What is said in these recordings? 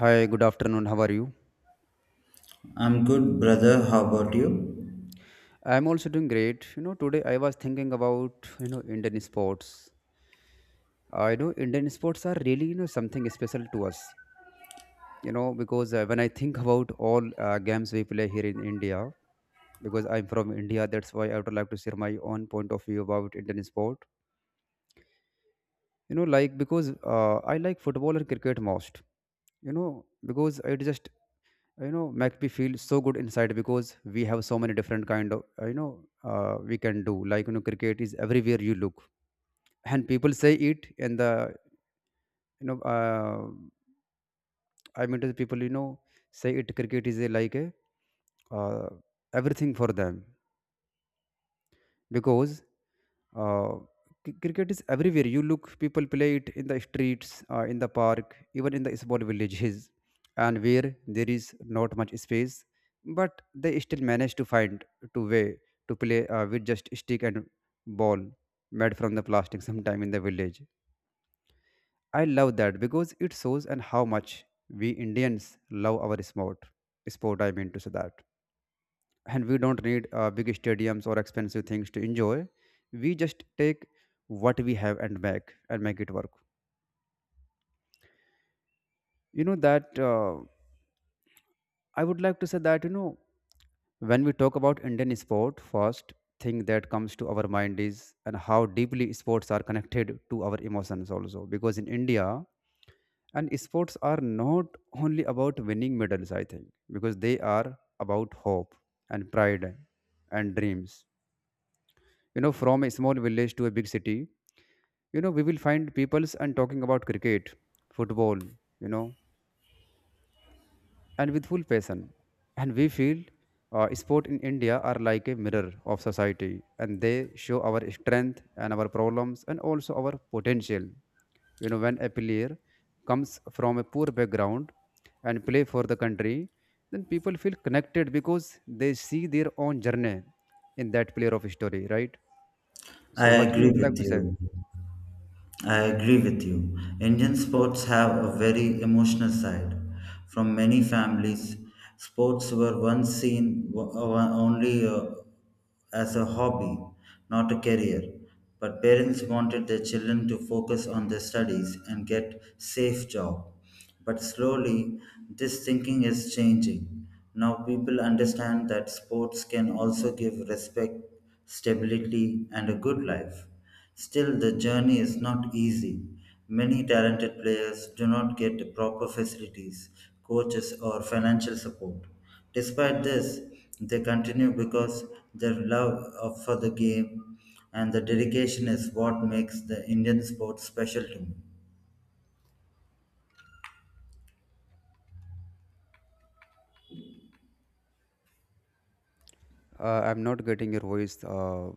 Hi, good afternoon. How are you? I'm good, brother. How about you? I'm also doing great. Today I was thinking about, Indian sports. I know Indian sports are really, something special to us. Because when I think about all games we play here in India, because I'm from India, that's why I would like to share my own point of view about Indian sport. You know, like because I like football and cricket most. Because it just make me feel so good inside because we have so many different kind of we can do, like cricket is everywhere you look, and people say it, and the you know uh, I mean to the people, say it, cricket is a, like a uh, everything for them, because uh, cricket is everywhere you look. People play it in the streets, in the park, even in the small villages and where there is not much space, but they still manage to find to way to play with just stick and ball made from the plastic sometime in the village. I love that because it shows and how much we Indians love our sport. Sport, I mean to say that. And we don't need big stadiums or expensive things to enjoy. We just take what we have and make it work. You know that I would like to say that, when we talk about Indian sport, first thing that comes to our mind is and how deeply sports are connected to our emotions, also because in India, and sports are not only about winning medals, I think, because they are about hope and pride and dreams. From a small village to a big city, we will find peoples and talking about cricket, football, you know and with full passion. And we feel sport in India are like a mirror of society, and they show our strength and our problems and also our potential. When a player comes from a poor background and play for the country, then people feel connected because they see their own journey in that player of story, right? I So what you agree would like with to say? you. I agree with you. Indian sports have a very emotional side. From many families, sports were once seen only as a hobby, not a career. But parents wanted their children to focus on their studies and get safe job. But slowly, this thinking is changing. Now people understand that sports can also give respect, stability, and a good life. Still, the journey is not easy. Many talented players do not get proper facilities, coaches, or financial support. Despite this, they continue because their for the game and the dedication is what makes the Indian sport special to me. I'm not getting your voice,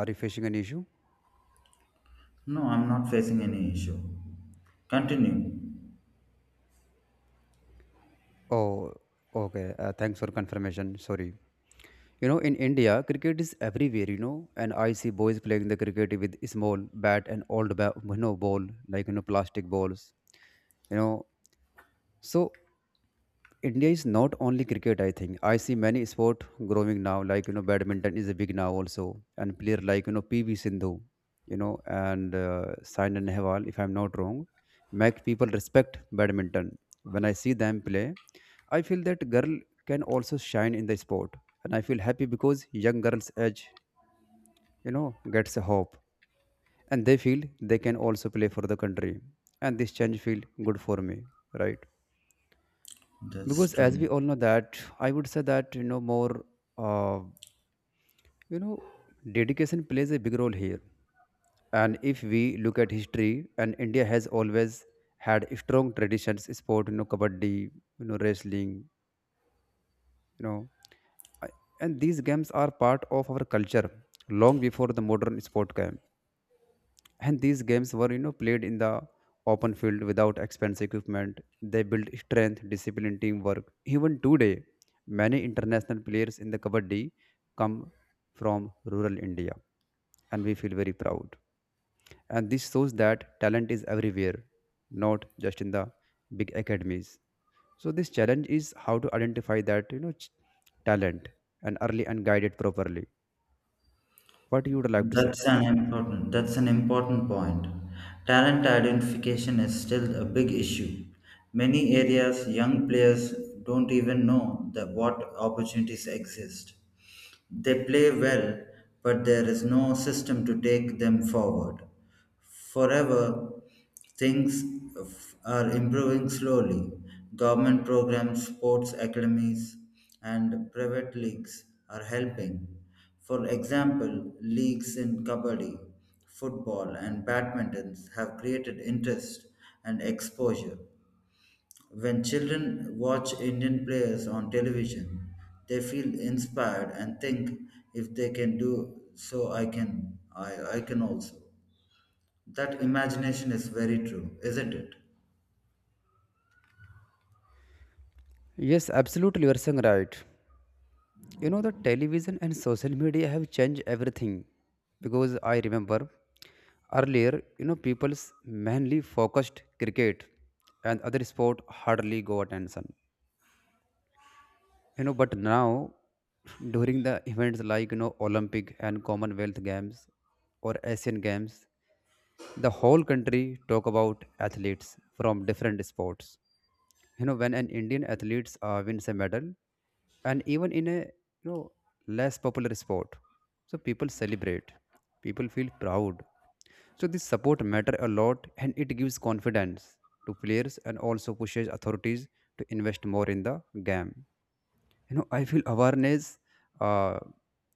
are you facing an issue? No, I'm not facing any issue. Continue. Oh, okay. Thanks for confirmation. Sorry. You know, in India, cricket is everywhere. You know, and I see boys playing the cricket with small bat and you know ball, like you know plastic balls. You know, so India is not only cricket. I think I see many sport growing now. Like you know, badminton is a big now also, and player like you know PV Sindhu, you know, and Saina Nehwal, if I'm not wrong, make people respect badminton when I see them play. I feel that girl can also shine in the sport, and I feel happy because young girls' age, you know, gets a hope, and they feel they can also play for the country, and this change feel good for me, right? That's Because as we true. all know that, I would say that, you know, more, uh, you know, dedication plays a big role here, and if we look at history, and India has always had strong traditions, sport, you know, kabaddi, you know, wrestling, you know I- and these games are part of our culture long before the modern sport game. And these games were, you know, played in the open field without expensive equipment. They built strength, discipline, teamwork. Even today, many international players in the kabaddi come from rural India, and we feel very proud. And this shows that talent is everywhere, not just in the big academies. So this challenge is how to identify that talent and early and guide it properly. What you would like to say? That's an important point. Talent identification is still a big issue. Many areas young players don't even know that what opportunities exist. They play well, but there is no system to take them forward. Forever, things are improving slowly. Government programs, sports academies, and private leagues are helping. For example, leagues in kabaddi, football, and badminton have created interest and exposure. When children watch Indian players on television, they feel inspired and think if they can do so, I can. I can also. That imagination is very true, isn't it? Yes, absolutely. You're saying right. You know, the television and social media have changed everything, because I remember earlier, you know, people's mainly focused cricket and other sport hardly go attention. You know, but now during the events like you know Olympic and Commonwealth Games or Asian Games, the whole country talk about athletes from different sports. When an Indian athlete wins a medal and even in a you know less popular sport, so people celebrate, people feel proud. So this support matter a lot, and it gives confidence to players and also pushes authorities to invest more in the game. I feel awareness uh,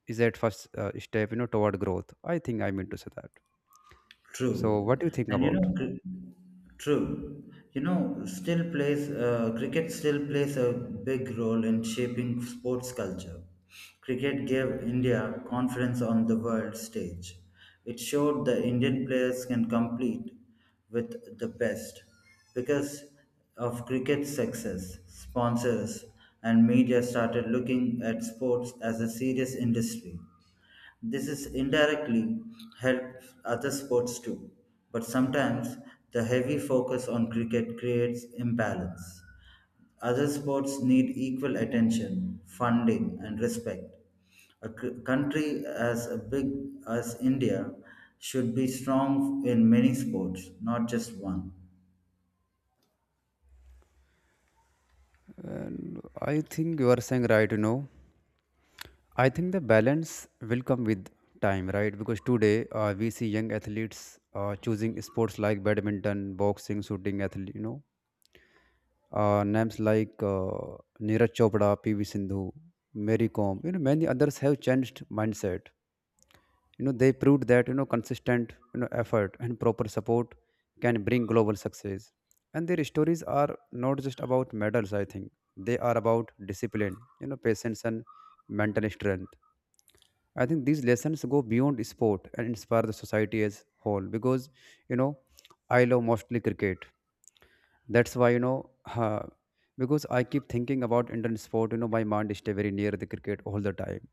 is at first step, you know, toward growth, I think, I mean to say that. So True. what do you think And you about? know, true. You know, cricket still plays a big role in shaping sports culture. Cricket gave India confidence on the world stage. It showed the Indian players can compete with the best. Because of cricket's success, sponsors and media started looking at sports as a serious industry. This is indirectly helps other sports too, but sometimes the heavy focus on cricket creates imbalance. Other sports need equal attention, funding, and respect. A country as a big as India should be strong in many sports, not just one. And I think you are saying right, you know. I think the balance will come with time, right? Because today we see young athletes choosing sports like badminton, boxing, shooting, athlete, you know, names like Neeraj Chopra, PV Sindhu, Mary Kom, you know, many others have changed mindset. You know, they proved that, you know, consistent, you know, effort and proper support can bring global success. And their stories are not just about medals, I think. They are about discipline, you know, patience and mental strength. I think these lessons go beyond sport and inspire the society as whole, because you know I love mostly cricket. That's why you know because I keep thinking about Indian sport. You know my mind stay very near the cricket all the time,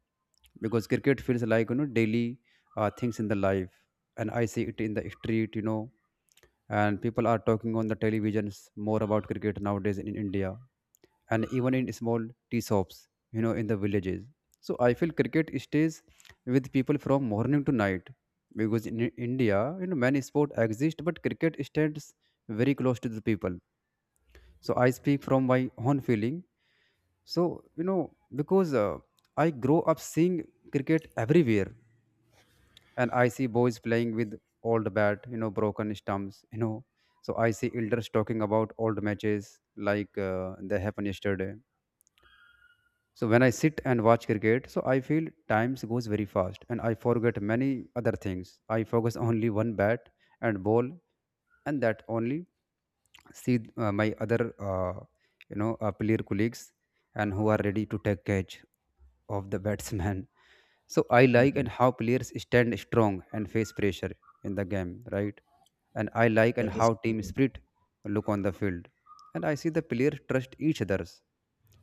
because cricket feels like you know daily things in the life, and I see it in the street. You know, and people are talking on the televisions more about cricket nowadays in India and even in small tea shops, you know, in the villages. So I feel cricket stays with people from morning to night, because in India, you know, many sports exist, but cricket stands very close to the people. So I speak from my own feeling. So you know, because I grow up seeing cricket everywhere, and I see boys playing with old bat, you know, broken stumps, you know. So I see elders talking about old matches like they happened yesterday. So when I sit and watch cricket, so I feel time goes very fast and I forget many other things. I focus only one bat and ball, and that only see my other player colleagues and who are ready to take catch of the batsman. So I like Mhm. and how players stand strong and face pressure in the game, right? And I like That and how is team true. spirit look on the field, and I see the players trust each others,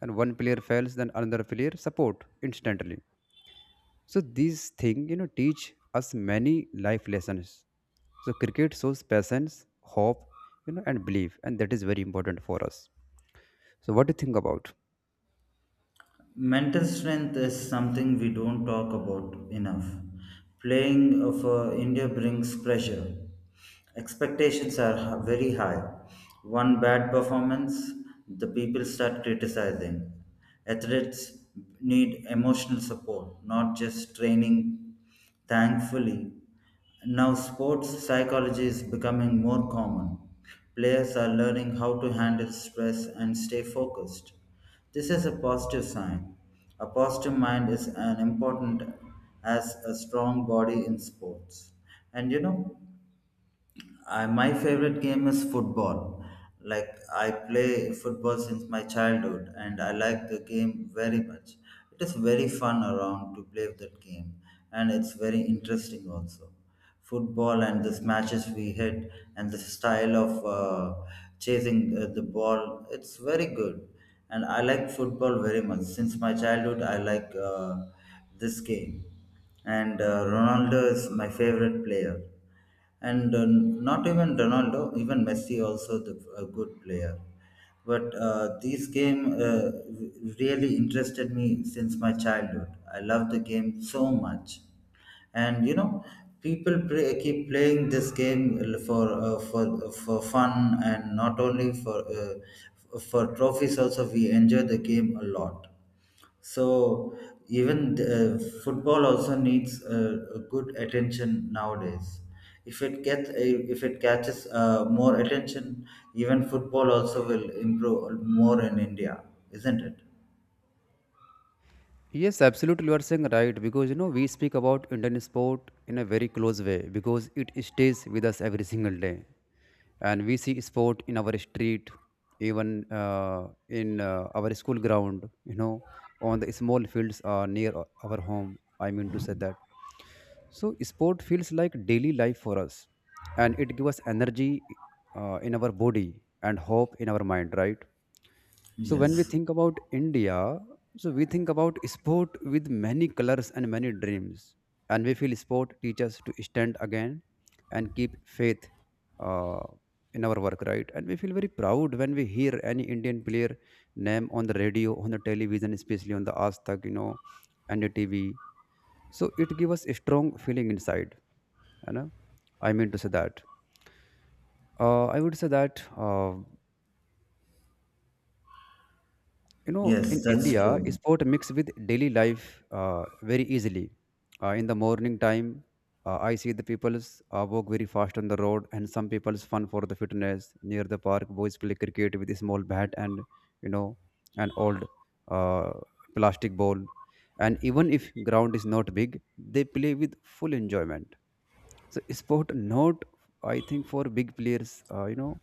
and one player fails, then another player support instantly. So these things, you know, teach us many life lessons. So cricket shows patience, hope, you know, and belief, and that is very important for us. So what do you think about? Mental strength is something we don't talk about enough. Playing for India brings pressure. Expectations are very high. One bad performance, the people start criticizing. Athletes need emotional support, not just training. Thankfully, now sports psychology is becoming more common. Players are learning how to handle stress and stay focused. This is a positive sign. A positive mind is an important as a strong body in sports. And you know, my favorite game is football. Like I play football since my childhood, and I like the game very much. It is very fun around to play that game, and it's very interesting also. Football and the matches we hit, and the style of chasing the ball, it's very good. And I like football very much since my childhood. I like this game, and Ronaldo is my favorite player and not even Ronaldo, even Messi also the, a good player. But this game really interested me since my childhood. I love the game so much, and you know, people play, keep playing this game for fun and not only for trophies. Also, we enjoy the game a lot so even the, football also needs a good attention nowadays. If it catches more attention, even football also will improve more in India, isn't it? Yes, absolutely. You are saying right, because you know we speak about Indian sport in a very close way, because it stays with us every single day, and we see sport in our street, even in our school ground. You know, on the small fields near our home. I mean to say that. So sport feels like daily life for us, and it gives us energy in our body and hope in our mind. Right. So when we Yes. think about India, so we think about sport with many colors and many dreams, and we feel sport teaches to stand again and keep faith uh, in our work, right? And we feel very proud when we hear any Indian player name on the radio, on the television, especially on the Aztag, you know, and the TV. So it gives us a strong feeling inside, you know. I mean to say that. I would say that. You know in Yes, that's India, true. sport mix with daily life uh, very easily. In the morning time, I see the people's walk very fast on the road, and some people's fun for the fitness near the park. Boys play cricket with a small bat and, you know, an old uh, plastic ball, and even if ground is not big, they play with full enjoyment. So sport not, I think, for big players, you know,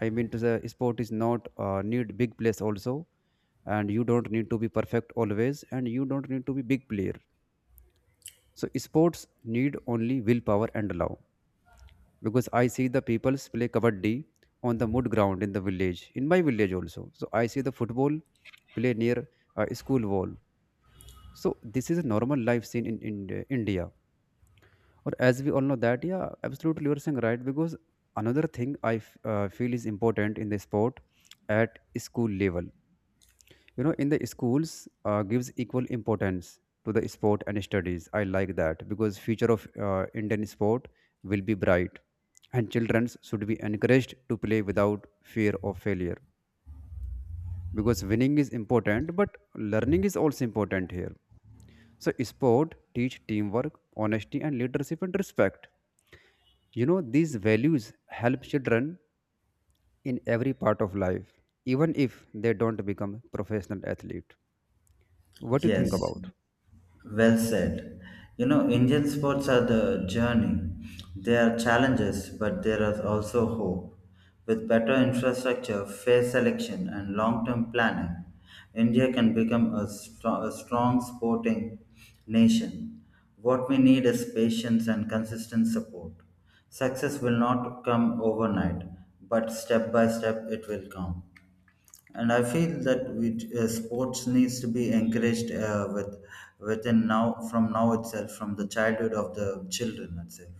I mean to the sport is not need big players also, and you don't need to be perfect always, and you don't need to be big player. So sports need only willpower and love, because I see the peoples play kabaddi on the mud ground in the village, in my village also. So I see the football play near a school wall. So this is a normal life scene in India. Or as we all know that, yeah, absolutely, you're saying right. Because another thing I feel is important in the sport at school level. You know, in the schools gives equal importance to the sport and studies. I like that because future of Indian sport will be bright, and children should be encouraged to play without fear of failure. Because winning is important, but learning is also important here. So, sport teach teamwork, honesty, and leadership and respect. You know, these values help children in every part of life, even if they don't become professional athlete. What do you think Yes. about? Well said. You know, Indian sports are the journey. There are challenges, but there is also hope. With better infrastructure, fair selection, and long term planning, India can a strong sporting nation. What we need is patience and consistent support. Success will not come overnight, but step by step it will come. And I feel that sports needs to be encouraged with within now from now itself from the childhood of the children itself.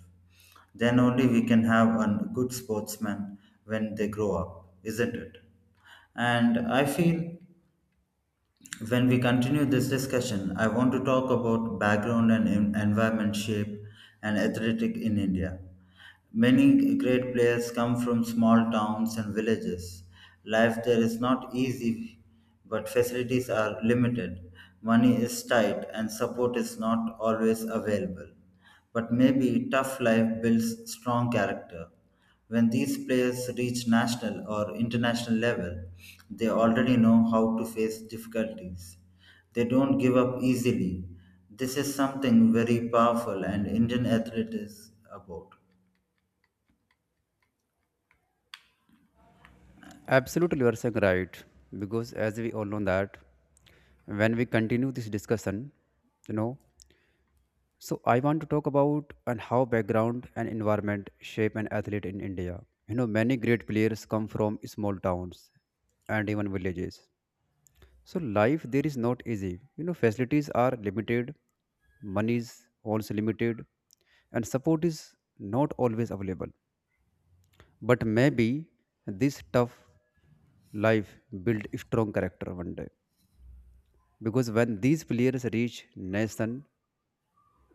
Then only we can have a good sportsman when they grow up, isn't it? And I feel when we continue this discussion, I want to talk about background and environment shape and athletic in India. Many great players come from small towns and villages. Life there is not easy, but facilities are limited. Money is tight, and support is not always available. But maybe tough life builds strong character. When these players reach national or international level, they already know how to face difficulties. They don't give up easily. This is something very powerful and Indian athlete is about. Absolutely, you are saying right. Because as we all know that, when we continue this discussion, you know, so I want to talk about and how background and environment shape an athlete in India. You know, many great players come from small towns and even villages. So life there is not easy. You know, facilities are limited, money is also limited, and support is not always available. But maybe this tough life build strong character one day. Because when these players reach nation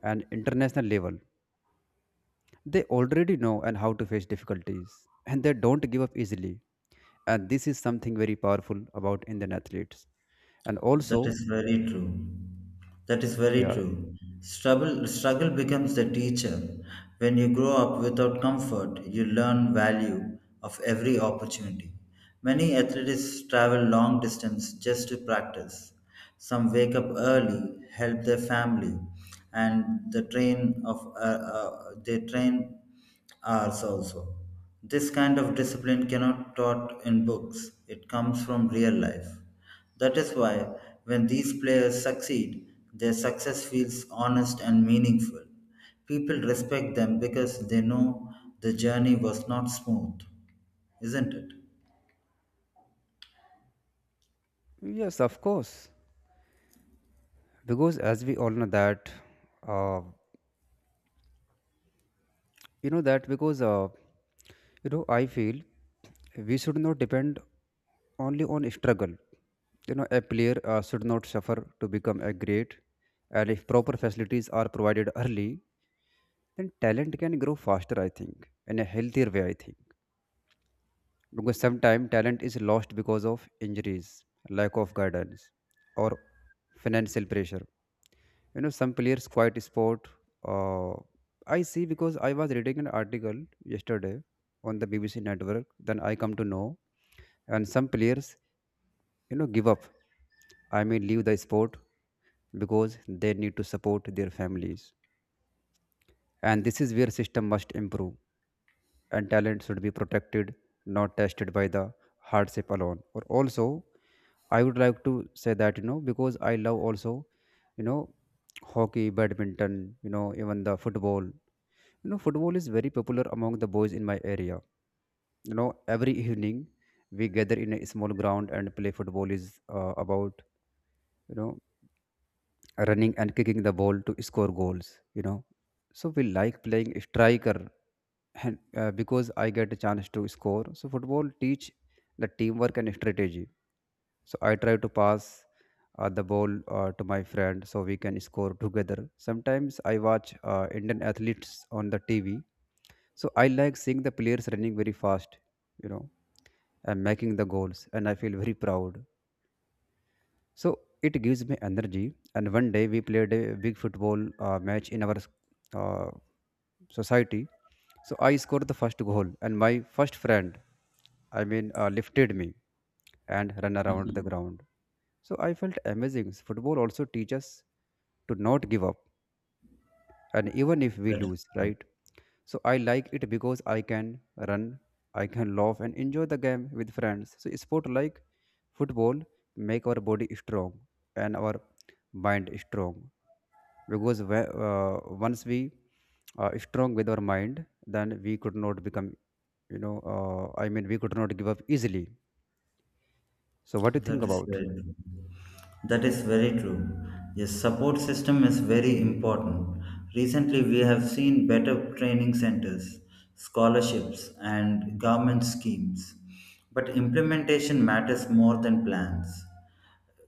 and international level, they already know and how to face difficulties, and they don't give up easily. And this is something very powerful about Indian athletes. And That also, is very true. That is very yeah, true. Struggle becomes the teacher. When you grow up without comfort, you learn value of every opportunity. Many athletes travel long distance just to practice. Some wake up early, help their family, and they train hours also. This kind of discipline cannot taught in books. It comes from real life. That is why, when these players succeed, their success feels honest and meaningful. People respect them because they know the journey was not smooth, isn't it? yes, of course. Because as we all know that uh, you know that because you know I feel we should not depend only on struggle. You know, a player should not suffer to become a great. And if proper facilities are provided early, then talent can grow faster, I think, in a healthier way, I think. Because sometimes talent is lost because of injuries, lack of guidance, or financial pressure. You know, some players quite sport. uh, I see, because I was reading an article yesterday on the BBC network, then I come to know and some players, you know, give up, I mean, leave the sport because they need to support their families. And this is where system must improve, and talent should be protected, not tested by the hardship alone. Or also, I would like to say that, you know, because I love also, you know, hockey, badminton, you know, even the football. You know, football is very popular among the boys in my area. You know, every evening we gather in a small ground and play football is about, you know, running and kicking the ball to score goals, you know. So we like playing striker and because I get a chance to score. So football teach the teamwork and strategy. So I try to pass the ball to my friend so we can score together. Sometimes I watch Indian athletes on the TV. So I like seeing the players running very fast, you know, and making the goals, and I feel very proud. So it gives me energy. And one day we played a big football match in our uh, society. So I scored the first goal, and my first friend, I mean, lifted me and ran around the ground. So I felt amazing. Football also teaches to not give up, and even if we That is lose, true. right? So I like it because I can run, I can laugh and enjoy the game with friends. So sport like football make our body strong and our mind strong because once we are strong with our mind, then we could not become I mean we could not give up easily. So what do you think That is about? very true. That is very true. Yes, support system is very important. Recently, we have seen better training centers, scholarships, and government schemes. But implementation matters more than plans.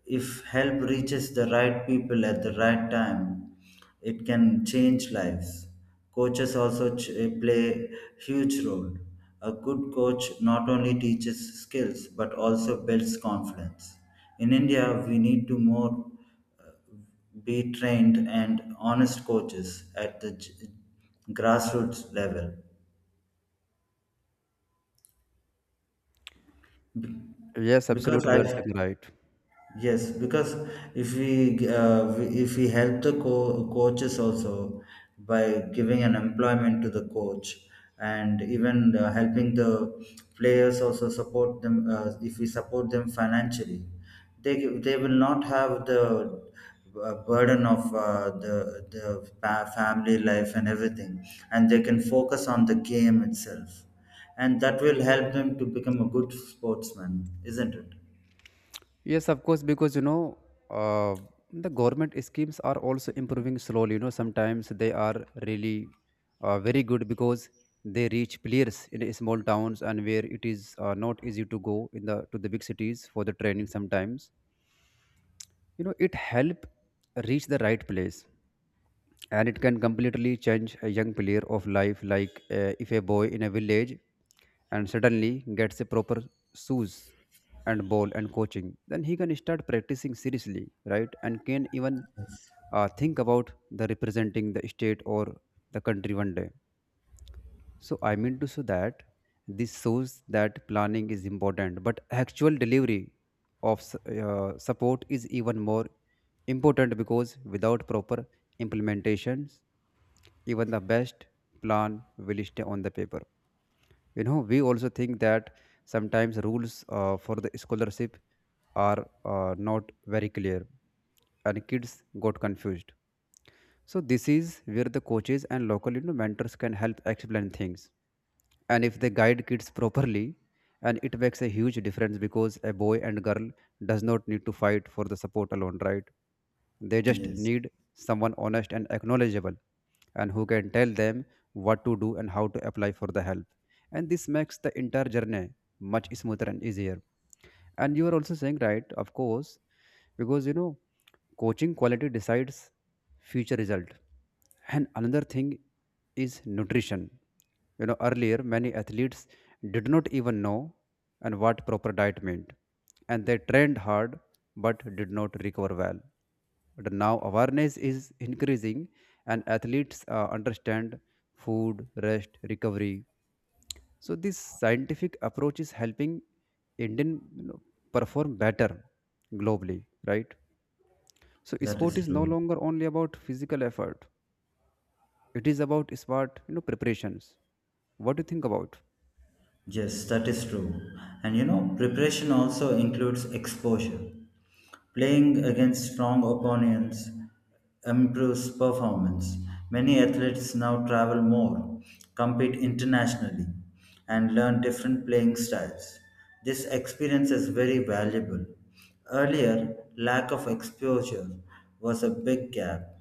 If help reaches the right people at the right time, it can change lives. Coaches also play huge role. A good coach not only teaches skills but also builds confidence. In India, we need to more be trained and honest coaches at the grassroots level Yes, because absolutely, you are I. saying right. Yes, because if if we help the coaches also by giving an employment to the coach and even helping the players also support them if we support them financially, they will not have the burden of the fa- family life and everything, and they can focus on the game itself, and that will help them to become a good sportsman, isn't it? Yes, of course, because you know, uh, the government schemes are also improving slowly. You know, sometimes they are really very good because they reach players in small towns and where it is not easy to go in the big cities for the training. Sometimes you know it help reach the right place, and it can completely change a young player of life. Like if a boy in a village and suddenly gets a proper shoes and ball and coaching, then he can start practicing seriously, right? And can even think about the representing the state or the country one day. So I mean to say that this shows that planning is important, but actual delivery of support is even more important, because without proper implementations, even the best plan will stay on the paper. You know, we also think that sometimes rules for the scholarship are not very clear, and kids got confused. So this is where the coaches and local, you know, mentors can help explain things. And if they guide kids properly, and it makes a huge difference, because a boy and girl does not need to fight for the support alone, right? They just Yes. need someone honest and acknowledgeable, and who can tell them what to do and how to apply for the help. And this makes the entire journey much smoother and easier. And you are also saying, right, of course, because you know, coaching quality decides future result. And another thing is nutrition. You know, earlier many athletes did not even know and what proper diet meant. And they trained hard but did not recover well. But now awareness is increasing, and athletes understand food, rest, recovery. So this scientific approach is helping Indian, you know, perform better globally, right? So That sport is is no true. longer only about physical effort; it is about smart, you know, preparations. What do you think about? Yes, that is true. And you know, preparation also includes exposure. Playing against strong opponents improves performance. Many athletes now travel more, compete internationally, and learn different playing styles. This experience is very valuable. Earlier, lack of exposure was a big gap.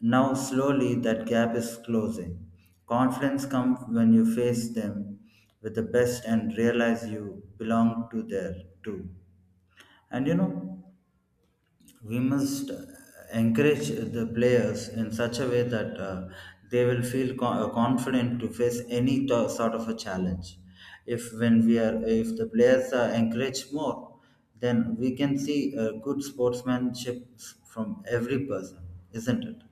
Now, slowly, that gap is closing. Confidence comes when you face them with the best and realize you belong to there too. And you know, we must encourage the players in such a way that they will feel confident to face any sort of a challenge. If the players are encouraged more, then we can see good sportsmanship from every person, isn't it?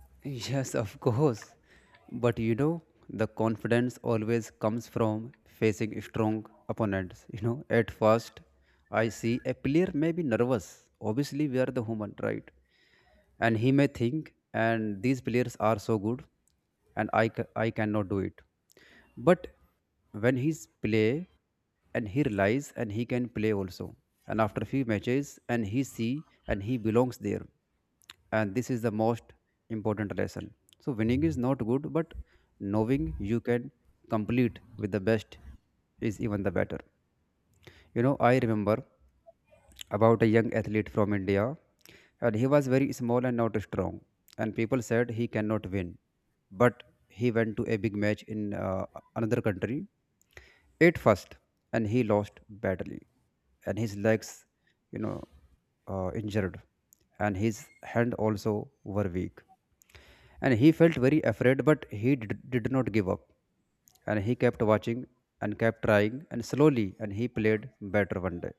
Yes, of course. But you know, the confidence always comes from facing strong opponents. You know, at first, I see a player may be nervous. Obviously, we are the human, right? And he may think, and these players are so good, and I cannot do it. But when he's play, and he realize, and he can play also. And after few matches, and he see, and he belongs there, and this is the most important lesson. So winning is not good, but knowing you can complete with the best is even the better. You know, I remember about a young athlete from India, and he was very small and not strong, and people said he cannot win. But he went to a big match in another country ate first, and he lost badly, and his legs, you know, injured, and his hand also were weak, and he felt very afraid, but he did not give up. And he kept watching and kept trying and slowly and he played better one day.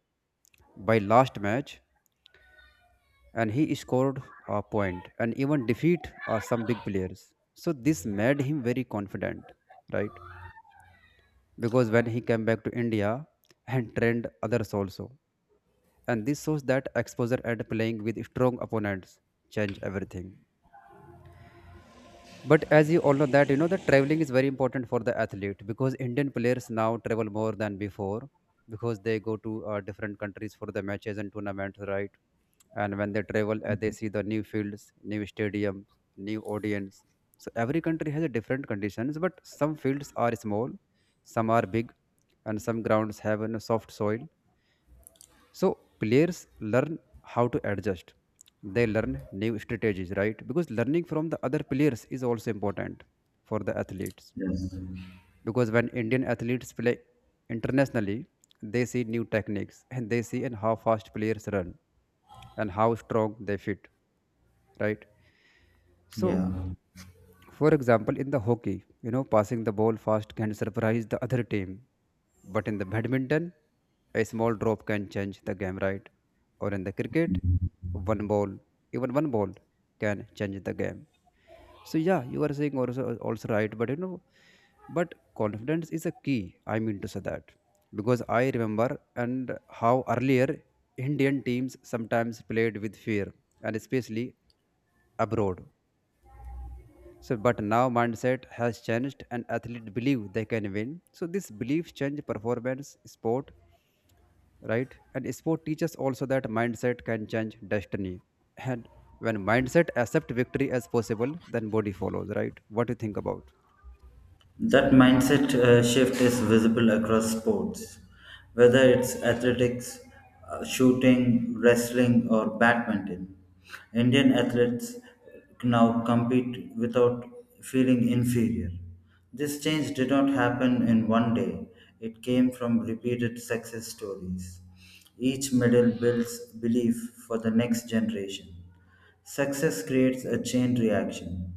By last match, and he scored a point and even defeat some big players. So this made him very confident, right? Because when he came back to India and trained others also. And this shows that exposure and playing with strong opponents change everything. But as you all know that you know that traveling is very important for the athlete, because Indian players now travel more than before, because they go to different countries for the matches and tournaments, right? And when they travel, they see the new fields, new stadiums, new audience. So every country has a different conditions, but some fields are small, some are big, and some grounds have a soft soil, so players learn how to adjust. They learn new strategies, right? Because learning from the other players is also important for the athletes. Yes. Because when Indian athletes play internationally, they see new techniques and they see and how fast players run and how strong they fit, right? So Yeah. for example, in the hockey, you know, passing the ball fast can surprise the other team. But in the badminton, a small drop can change the game, right? Or in the cricket, one ball, even one ball can change the game. So yeah, you are saying also right, but you know, but confidence is a key. I mean to say that because I remember and how earlier Indian teams sometimes played with fear, and especially abroad. So, but now mindset has changed, and athletes believe they can win. So, this belief change performance, sport, right? And sport teaches also that mindset can change destiny. And when mindset accept victory as possible, then body follows, right? What do you think about That mindset shift is visible across sports, whether it's athletics, shooting, wrestling, or badminton. Indian athletes now compete without feeling inferior. This change did not happen in one day, it came from repeated success stories. Each medal builds belief for the next generation. Success creates a chain reaction.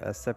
accept?